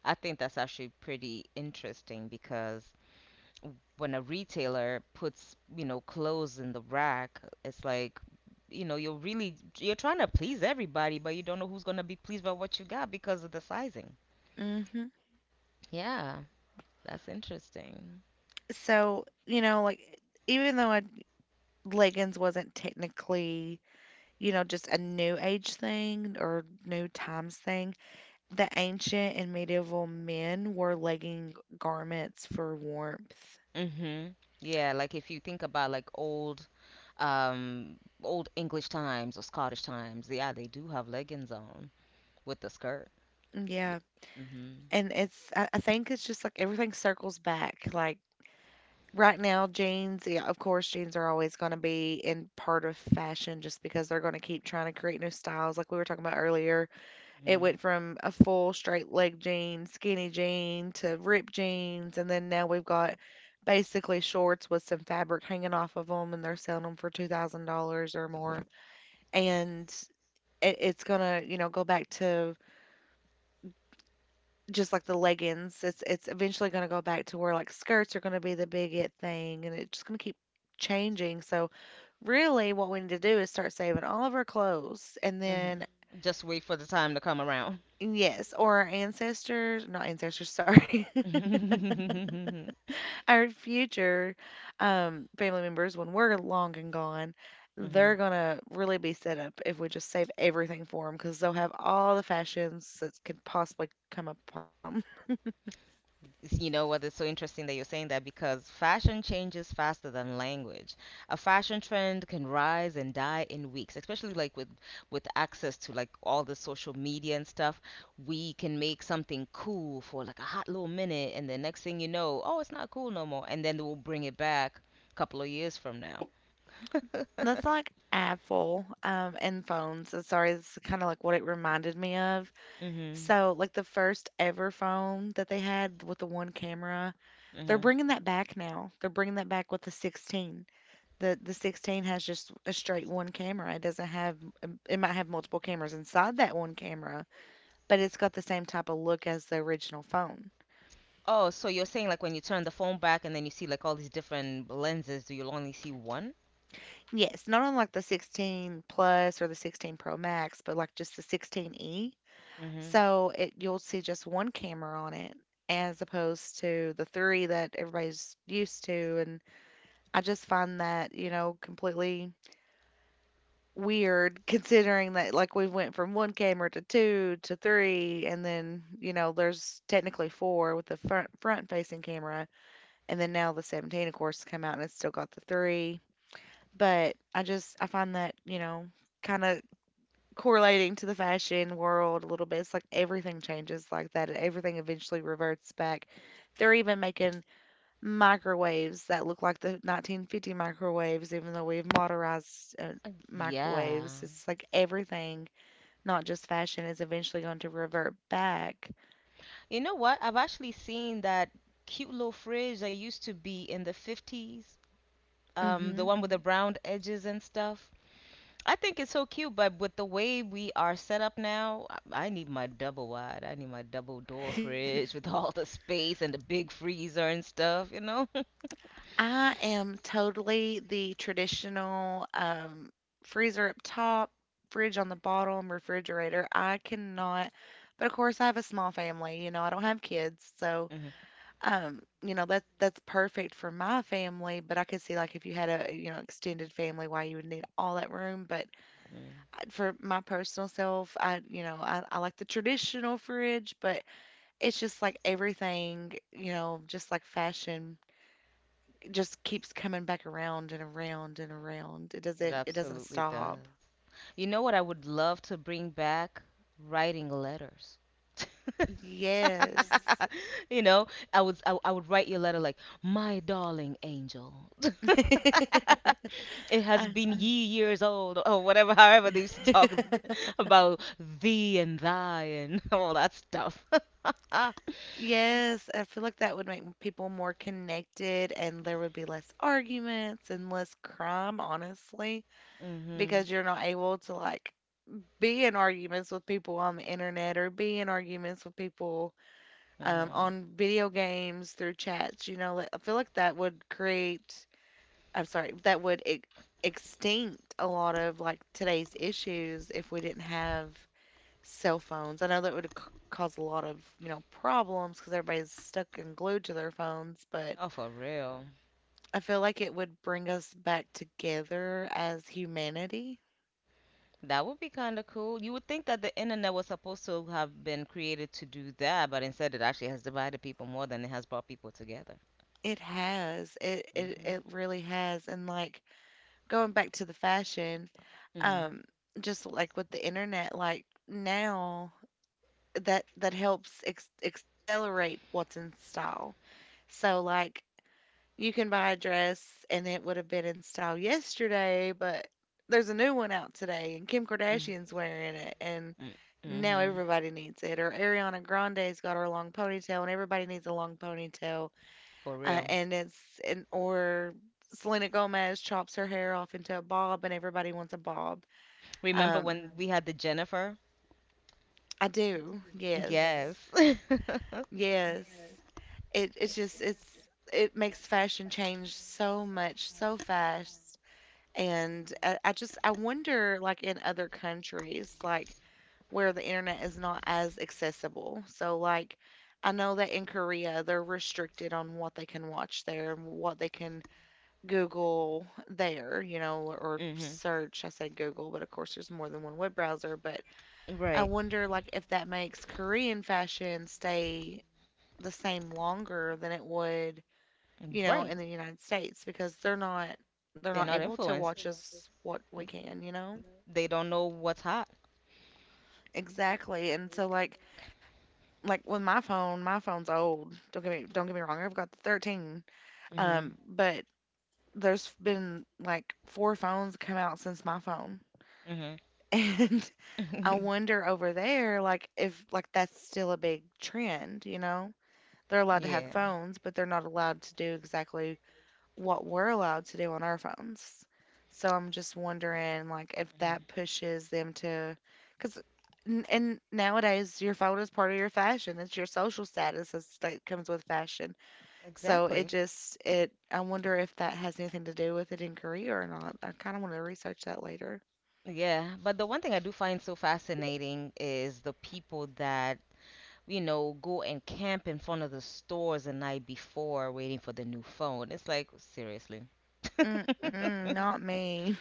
[SPEAKER 1] I think that's actually pretty interesting because when a retailer puts, clothes in the rack, it's like, you know, you're really you're trying to please everybody, but you don't know who's going to be pleased by what you got because of the sizing.
[SPEAKER 2] Hmm
[SPEAKER 1] Yeah, that's interesting.
[SPEAKER 2] So, you know, like even though leggings wasn't technically, you know, just a new age thing or new times thing, the ancient and medieval men wore legging garments for warmth.
[SPEAKER 1] Mhm. Yeah, like if you think about like um old English times or Scottish times, yeah, they do have leggings on with the skirt. Y-
[SPEAKER 2] Yeah.
[SPEAKER 1] Mhm.
[SPEAKER 2] And it's, I think it's just like everything circles back. Like right now, jeans, yeah, of course, jeans are always going to be in part of fashion just because they're going to keep trying to create new styles, like we were talking about earlier. It went from a full straight leg jean, skinny jean to ripped jeans, and then now we've got basically shorts with some fabric hanging off of them, and they're selling them for $2,000 or more. And it's gonna, you know, go back to just like the leggings. It's eventually gonna go back to where like skirts are gonna be the big it thing, and it's just gonna keep changing. So really, what we need to do is start saving all of our clothes, and
[SPEAKER 1] Hmm. Mhm.
[SPEAKER 2] then
[SPEAKER 1] Just wait for the time to come around.
[SPEAKER 2] yes, not ancestors, sorry. Our future family members, when we're long and gone, they're
[SPEAKER 1] Hmm.
[SPEAKER 2] gonna really be set up if we just save everything for them because they'll have all the fashions that could possibly come upon them.
[SPEAKER 1] You know what? It's so interesting that you're saying that because fashion changes faster than language. A fashion trend can rise and die in weeks, especially like with access to like all the social media and stuff. We can make something cool for like a hot little minute, and the next thing you know, oh, it's not cool no more, and then we'll bring it back a couple of years from now.
[SPEAKER 2] That's like Apple, and phones. Sorry, this kind of like what it reminded me of.
[SPEAKER 1] Hmm.
[SPEAKER 2] So, like the first ever phone that they had with the one camera, they're
[SPEAKER 1] Hmm.
[SPEAKER 2] bringing that back now. They're bringing that back with the 16. The 16 has just a straight one camera. It doesn't have, it might have multiple cameras inside that one camera, but it's got the same type of look as the original phone.
[SPEAKER 1] Oh, so you're saying like when you turn the phone back and then you see like all these different lenses, do you only see one?
[SPEAKER 2] Yes, not unlike the 16 Plus or the 16 Pro Max, but like just the 16e.
[SPEAKER 1] Mm-hmm.
[SPEAKER 2] So it you'll see just one camera on it as opposed to the three that everybody's used to. And I just find that, you know, completely weird, considering that like we went from 1 camera to 2 to 3, and then, you know, there's technically 4 with the front facing camera, and then now the 17 of course come out and it's still got the 3. But I find that, you know, kind of correlating to the fashion world a little bit. It's like everything changes like that. Everything eventually reverts back. They're even making microwaves that look like the 1950 microwaves, even though we've modernized,
[SPEAKER 1] Yeah.
[SPEAKER 2] microwaves. It's like everything, not just fashion, is eventually going to revert back.
[SPEAKER 1] You know what? I've actually seen that cute little fridge that used to be in the 50s, the
[SPEAKER 2] Hmm
[SPEAKER 1] one with the brown edges and stuff. I think it's so cute, but with the way we are set up now, I need my double wide. I need my double door fridge with all the space and the big freezer and stuff, you know?
[SPEAKER 2] I am totally the traditional, freezer up top, fridge on the bottom, refrigerator. I cannot, But of course, I have a small family. You know, I don't have kids, so
[SPEAKER 1] Hmm.
[SPEAKER 2] You know, that's perfect for my family, but I could see like if you had a, you know, extended family why you would need all that room. But I- for my personal self, you know, I like the traditional fridge, but it's just like everything, you know, just like fashion just keeps coming back around and around and around. It
[SPEAKER 1] It
[SPEAKER 2] doesn't it doesn't
[SPEAKER 1] absolutely
[SPEAKER 2] stop.
[SPEAKER 1] does. You know what I would love to bring back? Writing letters.
[SPEAKER 2] Yes.
[SPEAKER 1] you know, I would write you a letter like, "My darling angel, it has
[SPEAKER 2] Uh,
[SPEAKER 1] been ye years old," or whatever, however they used to talk about thee and thy and all that stuff.
[SPEAKER 2] Yes, I feel like that would make people more connected, and there would be less arguments and less crime, honestly,
[SPEAKER 1] Mhm.
[SPEAKER 2] because you're not able to like be in arguments with people on the internet or be in arguments with people,
[SPEAKER 1] Mhm.
[SPEAKER 2] on video games through chats. You know, like, I feel like that would create, I'm sorry, that would e extinct a lot of like today's issues if we didn't have cell phones. I know that would c cause a lot of problems because everybody's stuck and glued to their phones, but
[SPEAKER 1] Oh, for real.
[SPEAKER 2] I feel like it would bring us back together as humanity.
[SPEAKER 1] That would be kind of cool. You would think that the internet was supposed to have been created to do that, but instead it actually has divided people more than it has brought people together.
[SPEAKER 2] It has. It it
[SPEAKER 1] Mhm.
[SPEAKER 2] it really has, and, like, going back to the fashion,
[SPEAKER 1] Mhm.
[SPEAKER 2] um, just, like, with the internet, like, now that helps accelerate what's in style. So, like, you can buy a dress and it would have been in style yesterday, but there's a new one out today and Kim Kardashian's wearing it and
[SPEAKER 1] Mhm.
[SPEAKER 2] now
[SPEAKER 1] Mhm.
[SPEAKER 2] everybody needs it. Or Ariana Grande's got her long ponytail and everybody needs a long ponytail.
[SPEAKER 1] For real.
[SPEAKER 2] And it's and or Selena Gomez chops her hair off into a bob and everybody wants a bob.
[SPEAKER 1] Remember
[SPEAKER 2] Um,
[SPEAKER 1] when we had the Jennifer?
[SPEAKER 2] I do. Yes.
[SPEAKER 1] Yes.
[SPEAKER 2] Yes. It it's just it's it makes fashion change so much so fast. And I just I wonder, like, in other countries, like, where the internet is not as accessible. So, like, I know that in Korea they're restricted on what they can watch there and what they can Google there, or
[SPEAKER 1] Hmm.
[SPEAKER 2] search. I said Google, but of course there's more than one web browser. But I
[SPEAKER 1] Right.
[SPEAKER 2] wonder, like, if that makes Korean fashion stay the same longer than it would,
[SPEAKER 1] Right.
[SPEAKER 2] in the United States because they're not they're
[SPEAKER 1] They're
[SPEAKER 2] not
[SPEAKER 1] not
[SPEAKER 2] able to watch
[SPEAKER 1] influenced.
[SPEAKER 2] us what we
[SPEAKER 1] Me-
[SPEAKER 2] can, you know?
[SPEAKER 1] They don't know what's hot.
[SPEAKER 2] Exactly. And so, like, with my phone, my phone's old. Don't get me wrong, I've got the 13.
[SPEAKER 1] Hmm.
[SPEAKER 2] But there's been like four phones come out since my phone.
[SPEAKER 1] Hmm.
[SPEAKER 2] And I wonder over there, like, if like that's still a big trend, you know? They're allowed to have
[SPEAKER 1] Yeah.
[SPEAKER 2] phones, but they're not allowed to do exactly what we're allowed to do on our phones. So I'm just wondering, like, if
[SPEAKER 1] Hmm.
[SPEAKER 2] that pushes them to, because and nowadays your phone is part of your fashion. It's your social status is, that comes with fashion. So it
[SPEAKER 1] Exactly.
[SPEAKER 2] just it. I wonder if that has anything to do with it in Korea or not. I kind of want to research that later.
[SPEAKER 1] Yeah. But the one thing I do find so fascinating is the people that, go and camp in front of the stores the night before waiting for the new phone. It's like, seriously.
[SPEAKER 2] Mm-mm, not me.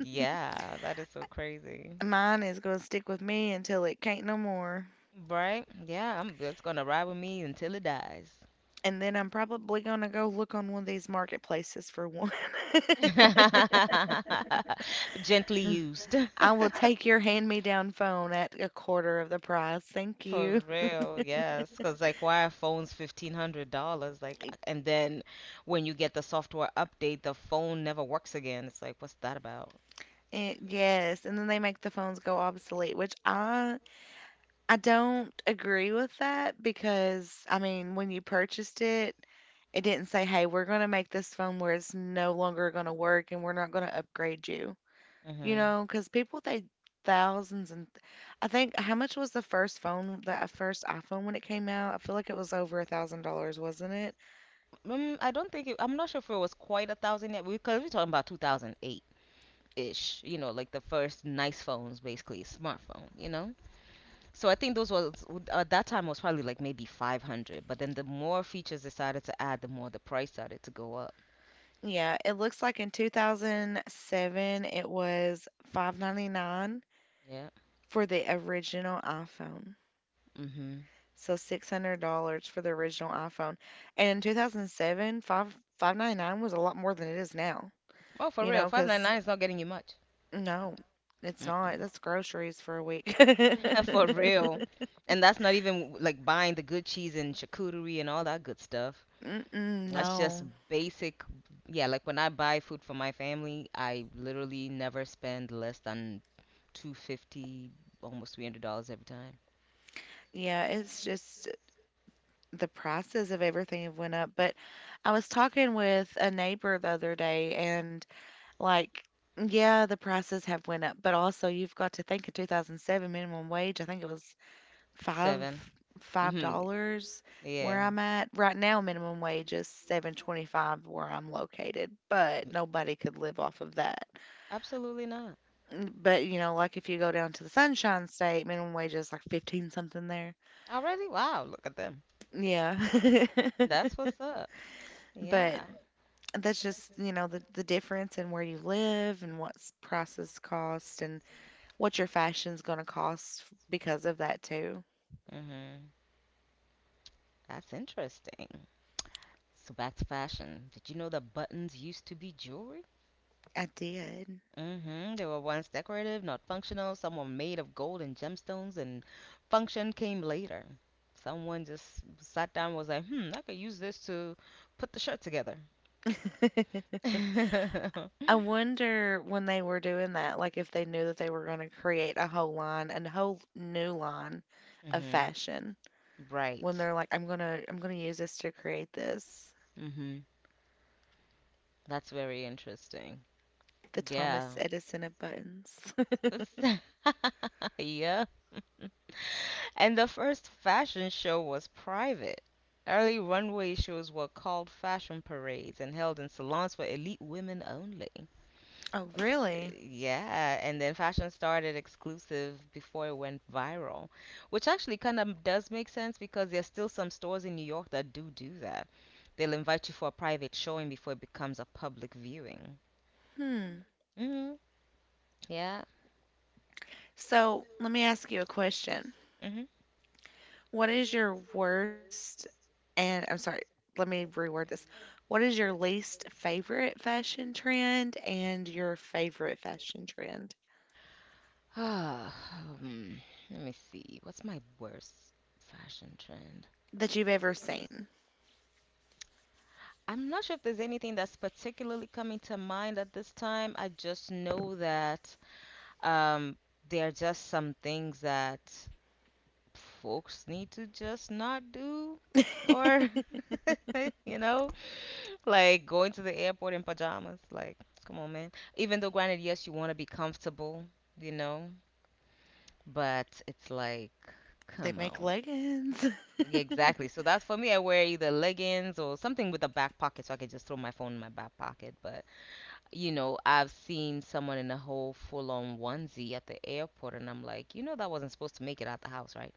[SPEAKER 1] Yeah, that is so crazy.
[SPEAKER 2] Mine is gonna stick with me until it can't no more.
[SPEAKER 1] Right? Yeah, I'm that's gonna ride with me until it dies.
[SPEAKER 2] And then I'm probably gonna go look on one of these marketplaces for one.
[SPEAKER 1] Gently used.
[SPEAKER 2] I will take your hand-me-down phone at a quarter of the price. Thank
[SPEAKER 1] For
[SPEAKER 2] you.
[SPEAKER 1] real, yes. Because, like, why are phones $1,500? Like, and then when you get the software update, the phone never works again. It's like, what's that about?
[SPEAKER 2] Yes, and then they make the phones go obsolete, which I don't agree with that, because I mean, when you purchased it, it didn't say, "Hey, we're going to make this phone where it's no longer going to work and we're not going to upgrade you." You
[SPEAKER 1] Mm-hmm.
[SPEAKER 2] know, because people they thousands, and I think how much was the first phone, the first iPhone when it came out? I feel like it was over $1,000, wasn't it?
[SPEAKER 1] I don't think it, I'm not sure if it was quite a thousand yet because we're talking about 2008 ish, like the first nice phones, basically, smartphone, you know? So I think those was at that time was probably like maybe 500, but then the more features they started to add, the more the price started to go up.
[SPEAKER 2] Yeah, it looks like in 2007 it was 599
[SPEAKER 1] Yeah.
[SPEAKER 2] for the original iPhone.
[SPEAKER 1] Mhm.
[SPEAKER 2] So $600 for the original iPhone. And in 2007 five five ninety nine was a lot more than it is now.
[SPEAKER 1] Oh, for
[SPEAKER 2] You
[SPEAKER 1] real,
[SPEAKER 2] know, because
[SPEAKER 1] 599 is not getting you much.
[SPEAKER 2] no, it's not.
[SPEAKER 1] Mm-mm.
[SPEAKER 2] That's groceries for a week.
[SPEAKER 1] For
[SPEAKER 2] Mm-mm,
[SPEAKER 1] real. And that's not even like buying the good cheese and charcuterie and all that good stuff. That's just
[SPEAKER 2] no.
[SPEAKER 1] basic. Yeah, like when I buy food for my family, I literally never spend less than 250, almost $300 every time.
[SPEAKER 2] Yeah, it's just the prices of everything have went up. But I was talking with a neighbor the other day. And, like, yeah, the prices have went up, but also you've got to think in 2007 minimum wage, I think it was
[SPEAKER 1] Seven.
[SPEAKER 2] five five
[SPEAKER 1] Mhm.
[SPEAKER 2] dollars
[SPEAKER 1] Yeah.
[SPEAKER 2] where I'm at. Right now minimum wage is 7.25 where I'm located, but nobody could live off of that.
[SPEAKER 1] Absolutely not.
[SPEAKER 2] But you know, like, if you go down to the Sunshine State, minimum wage is like 15 something there.
[SPEAKER 1] Already? Wow, look at them.
[SPEAKER 2] Yeah.
[SPEAKER 1] That's what's up.
[SPEAKER 2] But
[SPEAKER 1] Yeah.
[SPEAKER 2] that's just, the difference in where you live and what's prices cost and what your fashion's gonna cost because of that too.
[SPEAKER 1] Mhm. That's interesting. So back to fashion. Did you know that buttons used to be jewelry?
[SPEAKER 2] I did.
[SPEAKER 1] Mhm. They were once decorative, not functional. Some were made of gold and gemstones and function came later. Someone just sat down and was like, "Hmm, I could use this to put the shirt together."
[SPEAKER 2] I wonder when they were doing that, like, if they knew that they were gonna create a whole line, a whole new line of
[SPEAKER 1] Mhm.
[SPEAKER 2] fashion. When
[SPEAKER 1] Right.
[SPEAKER 2] they're like, I'm gonna use this to create this.
[SPEAKER 1] Mhm. That's very interesting.
[SPEAKER 2] The
[SPEAKER 1] Yeah.
[SPEAKER 2] Thomas Edison of buttons.
[SPEAKER 1] Yeah. And the first fashion show was private. Early runway shows were called fashion parades and held in salons for elite women only.
[SPEAKER 2] Oh,
[SPEAKER 1] So,
[SPEAKER 2] really?
[SPEAKER 1] yeah, and then fashion started exclusive before it went viral, which actually kind of does make sense because there's still some stores in New York that do do that. They'll invite you for a private showing before it becomes a public viewing.
[SPEAKER 2] Hmm.
[SPEAKER 1] Hmm. Yeah.
[SPEAKER 2] So let me ask you a question.
[SPEAKER 1] Hmm.
[SPEAKER 2] What is your worst, and I'm sorry, let me reword this. What is your least favorite fashion trend and your favorite fashion trend
[SPEAKER 1] Ah, hmm, let me see. What's my worst fashion trend?
[SPEAKER 2] that you've ever seen?
[SPEAKER 1] I'm not sure if there's anything that's particularly coming to mind at this time. I just know that um, there are just some things that folks need to just not do, or you know, like going to the airport in pajamas. Like, come on, man. Even though, granted, yes, you want to be comfortable, you know, but it's like,
[SPEAKER 2] They
[SPEAKER 1] come
[SPEAKER 2] make
[SPEAKER 1] on.
[SPEAKER 2] leggings.
[SPEAKER 1] Yeah, exactly. So that's for me. I wear either leggings or something with a back pocket so I can just throw my phone in my back pocket. But you know, I've seen someone in a whole full on onesie at the airport, and I'm like, you know, that wasn't supposed to make it out the house, right?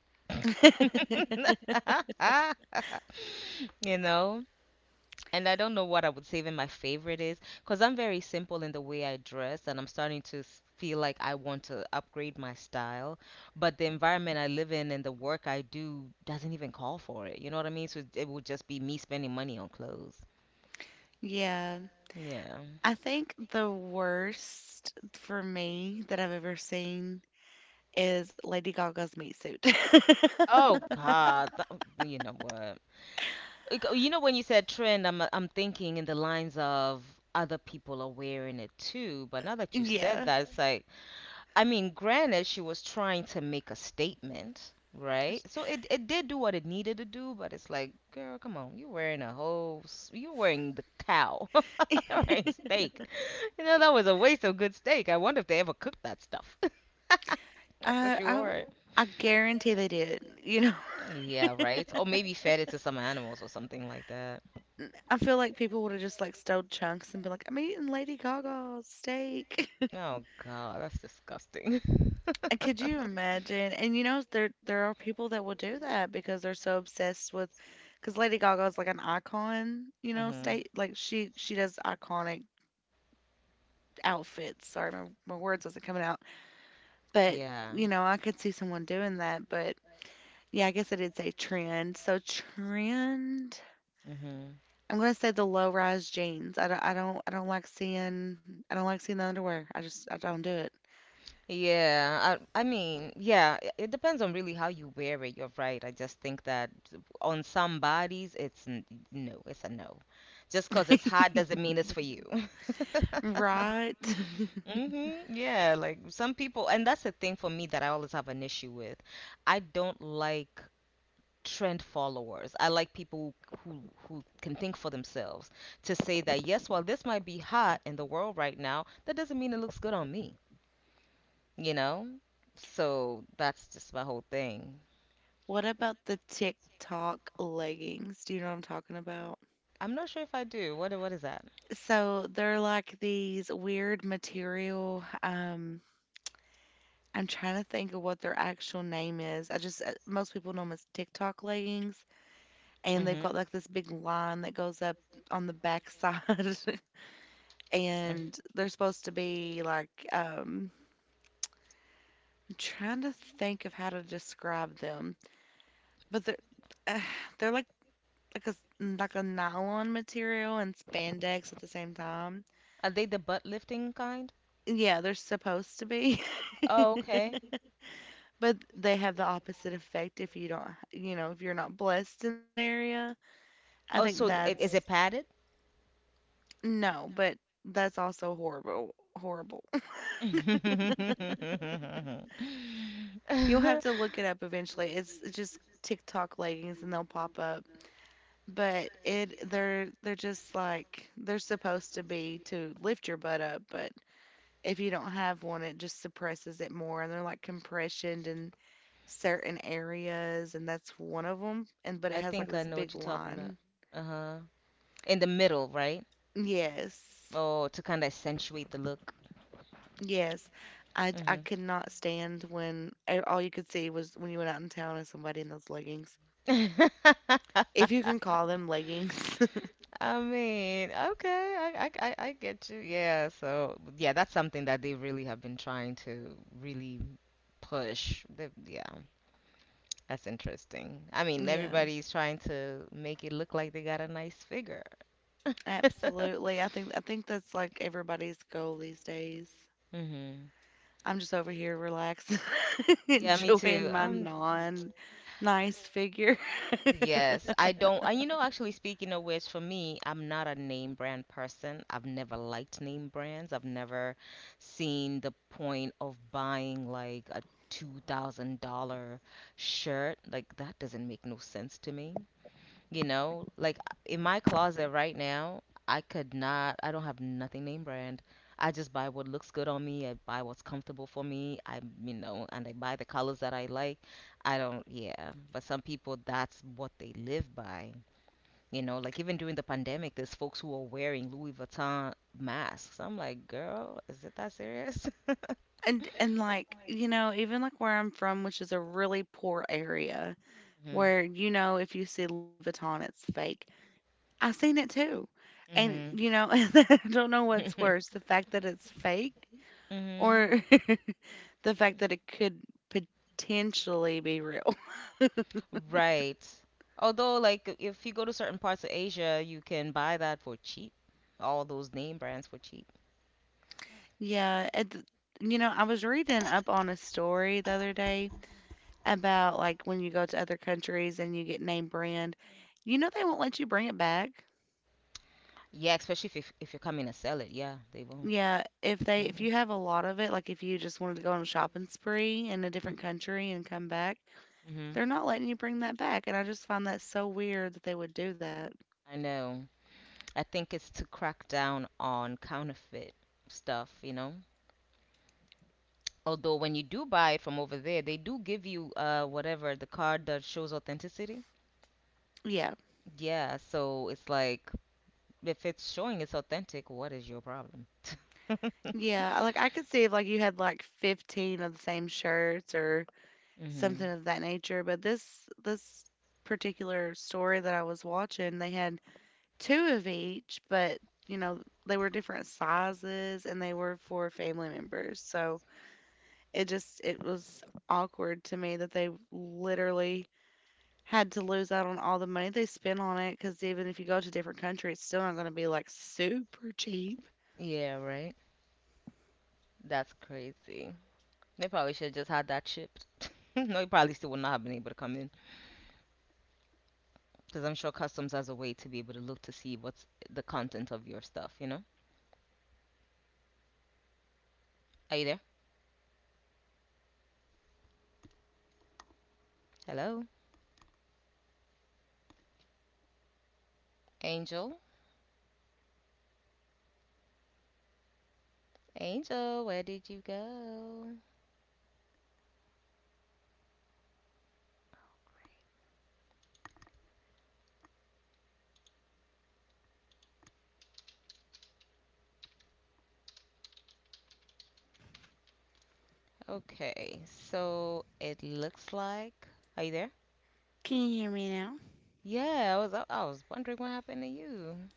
[SPEAKER 1] you know? And I don't know what I would say even my favorite is, because I'm very simple in the way I dress, and I'm starting to feel like I want to upgrade my style. But the environment I live in and the work I do doesn't even call for it. You know what I mean? So it would just be me spending money on clothes.
[SPEAKER 2] Yeah.
[SPEAKER 1] Yeah.
[SPEAKER 2] I think the worst for me that I've ever seen is Lady Gaga's meat suit.
[SPEAKER 1] Oh, God. You know what? Like, you know, when you said trend, I'm thinking in the lines of other people are wearing it too. But now that you said
[SPEAKER 2] Yeah.
[SPEAKER 1] that, it's like, I mean, granted, she was trying to make a statement, right? So it did do what it needed to do, but it's like, girl, come on, you're wearing a you're wearing the cow, you're wearing steak. You know, that was a waste of good steak. I wonder if they ever cooked that stuff after
[SPEAKER 2] I
[SPEAKER 1] she
[SPEAKER 2] I
[SPEAKER 1] wore it.
[SPEAKER 2] I guarantee they did.
[SPEAKER 1] Yeah, right. Or maybe fed it to some animals or something like that.
[SPEAKER 2] I feel like people would have just like stole chunks and been like, I'm eating Lady Gaga's steak.
[SPEAKER 1] Oh God, that's disgusting.
[SPEAKER 2] And could you imagine? And you know, there are people that will do that because they're so obsessed with, because Lady Gaga is like an icon,
[SPEAKER 1] Mhm.
[SPEAKER 2] state like she does iconic outfits. Sorry, my words wasn't coming out, but
[SPEAKER 1] Yeah.
[SPEAKER 2] I could see someone doing that. But yeah, I guess I did say trend. So trend.
[SPEAKER 1] Mhm.
[SPEAKER 2] I'm gonna say the low rise jeans. I don't like seeing the underwear. I don't do it.
[SPEAKER 1] Yeah, I mean, yeah, it depends on really how you wear it. You're right. I just think that on some bodies, it's n no, it's a no. Just 'cause it's hot doesn't mean it's for you.
[SPEAKER 2] Right.
[SPEAKER 1] hmm Yeah, like some people, and that's the thing for me that I always have an issue with. I don't like trend followers. I like people who can think for themselves to say that yes, while this might be hot in the world right now, that doesn't mean it looks good on me. You know? So that's just my whole thing.
[SPEAKER 2] What about the TikTok leggings? Do you know what I'm talking about?
[SPEAKER 1] I'm not sure if I do. What is that?
[SPEAKER 2] So they're like these weird material. I'm trying to think of what their actual name is. I just, most people know them as TikTok leggings, and they've got
[SPEAKER 1] Mhm.
[SPEAKER 2] like this big line that goes up on the backside.
[SPEAKER 1] mm.
[SPEAKER 2] And they're supposed to be like, I'm trying to think of how to describe them, but they're, uh, they're like a nylon material and spandex at the same time.
[SPEAKER 1] Are they the butt lifting kind?
[SPEAKER 2] Yeah, they're supposed to be,
[SPEAKER 1] Oh, okay.
[SPEAKER 2] but they have the opposite effect if you don't, if you're not blessed in that area. I
[SPEAKER 1] Oh,
[SPEAKER 2] think
[SPEAKER 1] so is
[SPEAKER 2] that's
[SPEAKER 1] it padded?
[SPEAKER 2] no, but that's also horrible, horrible.
[SPEAKER 1] I
[SPEAKER 2] You'll have to look it up eventually. It's just TikTok leggings and they'll pop up. But it they're just like they're supposed to be to lift your butt up, but if you don't have one, it just suppresses it more. And they're like compressioned in certain areas, and that's one of them. And but it has like
[SPEAKER 1] think I
[SPEAKER 2] this
[SPEAKER 1] know what
[SPEAKER 2] big
[SPEAKER 1] you're talking about.
[SPEAKER 2] line.
[SPEAKER 1] Uh-huh. In the middle, right?
[SPEAKER 2] Yes,
[SPEAKER 1] Oh, to kind of accentuate the look.
[SPEAKER 2] yes. I
[SPEAKER 1] Mhm.
[SPEAKER 2] could not stand when all you could see was when you went out in town and somebody in those leggings. If you can call them leggings.
[SPEAKER 1] I mean, okay, I get you. Yeah, so yeah, that's something that they really have been trying to really push. They, yeah, that's interesting. I mean,
[SPEAKER 2] Yeah,
[SPEAKER 1] everybody's trying to make it look like they got a nice figure.
[SPEAKER 2] absolutely. I think that's like everybody's goal these days.
[SPEAKER 1] hmm
[SPEAKER 2] I'm just over here relaxing,
[SPEAKER 1] Yeah, me
[SPEAKER 2] enjoying
[SPEAKER 1] too.
[SPEAKER 2] my
[SPEAKER 1] I'm
[SPEAKER 2] non nice figure.
[SPEAKER 1] yes, I don't. And you know, actually, speaking of which, for me, I'm not a name brand person. I've never liked name brands. I've never seen the point of buying like a $2,000 shirt. Like, that doesn't make no sense to me. You know, like in my closet right now, I don't have nothing name brand. I just buy what looks good on me. I buy what's comfortable for me. I, you know, and I buy the colors that I like. I don't, yeah. But some people, that's what they live by. You know, like even during the pandemic, there's folks who are wearing Louis Vuitton masks. I'm like, girl, is it that serious?
[SPEAKER 2] And, like, you know, even, like, where I'm from, which is a really poor area
[SPEAKER 1] hmm
[SPEAKER 2] where, if you see Louis Vuitton, it's fake. I've seen it too. And
[SPEAKER 1] hmm
[SPEAKER 2] I don't know what's worse, the fact that it's fake
[SPEAKER 1] hmm
[SPEAKER 2] or the fact that it could potentially be real.
[SPEAKER 1] Right. Although, like, if you go to certain parts of Asia, you can buy that for cheap. All those name brands for cheap.
[SPEAKER 2] Yeah, I was reading up on a story the other day about, like, when you go to other countries and you get name brand, you know they won't let you bring it back.
[SPEAKER 1] Yeah, especially if you're coming to sell it. Yeah, they won't.
[SPEAKER 2] Yeah, if they if
[SPEAKER 1] Mm-hmm.
[SPEAKER 2] you have a lot of it, like, if you just wanted to go on a shopping spree in a different country and come back,
[SPEAKER 1] Mm-hmm.
[SPEAKER 2] they're not letting you bring that back, and I just find that so weird that they would do that.
[SPEAKER 1] I know. I think it's to crack down on counterfeit stuff, you know? Although when you do buy it from over there, they do give you whatever the card that shows authenticity.
[SPEAKER 2] Yeah.
[SPEAKER 1] Yeah, so it's like if it's showing it's authentic, what is your problem?
[SPEAKER 2] Yeah, like I could see if like you had like 15 of the same shirts or
[SPEAKER 1] Mm-hmm.
[SPEAKER 2] something of that nature, but this particular story that I was watching, they had two of each, but you know, they were different sizes and they were for family members. So it was awkward to me that they literally had to lose out on all the money they spent on it. Because even if you go to different countries, it's still not gonna be, like, super cheap.
[SPEAKER 1] Yeah, right. That's crazy. They probably should have just had that shipped. No, you probably still would not have been able to come in. Because I'm sure customs has a way to be able to look to see what's the content of your stuff, you know? Are you there? Hello? Angel? Angel, where did you go? Okay, so it looks like. Are you there?
[SPEAKER 2] Can you hear me now?
[SPEAKER 1] Yeah, I was wondering what happened to you.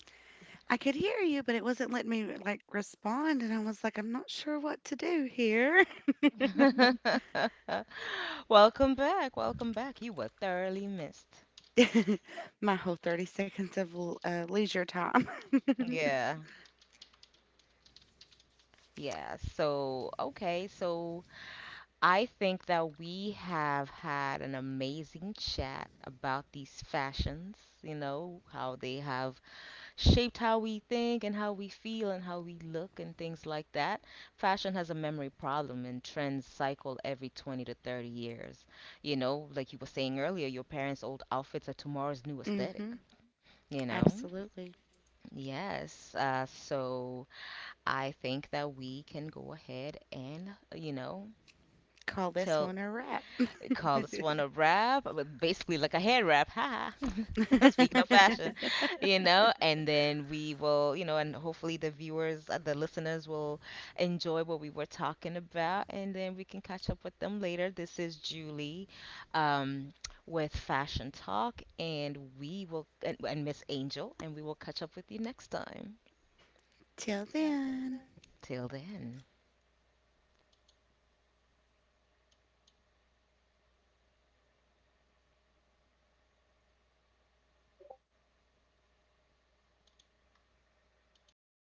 [SPEAKER 2] I could hear you, but it wasn't letting me, like, respond, and I was like, "I'm not sure what to do here."
[SPEAKER 1] Welcome back. Welcome back. You were thoroughly missed.
[SPEAKER 2] My whole 30 seconds of leisure time.
[SPEAKER 1] Yeah. Yeah. So, okay. So I think that we have had an amazing chat about these fashions, you know, how they have shaped how we think and how we feel and how we look and things like that. Fashion has a memory problem and trends cycle every 20 to 30 years. You know, like you were saying earlier, your parents' old outfits are tomorrow's new aesthetic,
[SPEAKER 2] Mhm.
[SPEAKER 1] you know?
[SPEAKER 2] Absolutely.
[SPEAKER 1] Yes. So I think that we can go ahead and, you know,
[SPEAKER 2] Call this
[SPEAKER 1] tell.
[SPEAKER 2] one a wrap.
[SPEAKER 1] We call this one a wrap, but basically like a hair wrap. Ha! Ha. Speaking of fashion, you know, and then we will, you know, and hopefully the viewers, the listeners will enjoy what we were talking about, and then we can catch up with them later. This is Julie um, with Fashion Talk, and we will, and Miss Angel, and we will catch up with you next time.
[SPEAKER 2] Till then.
[SPEAKER 1] Till then.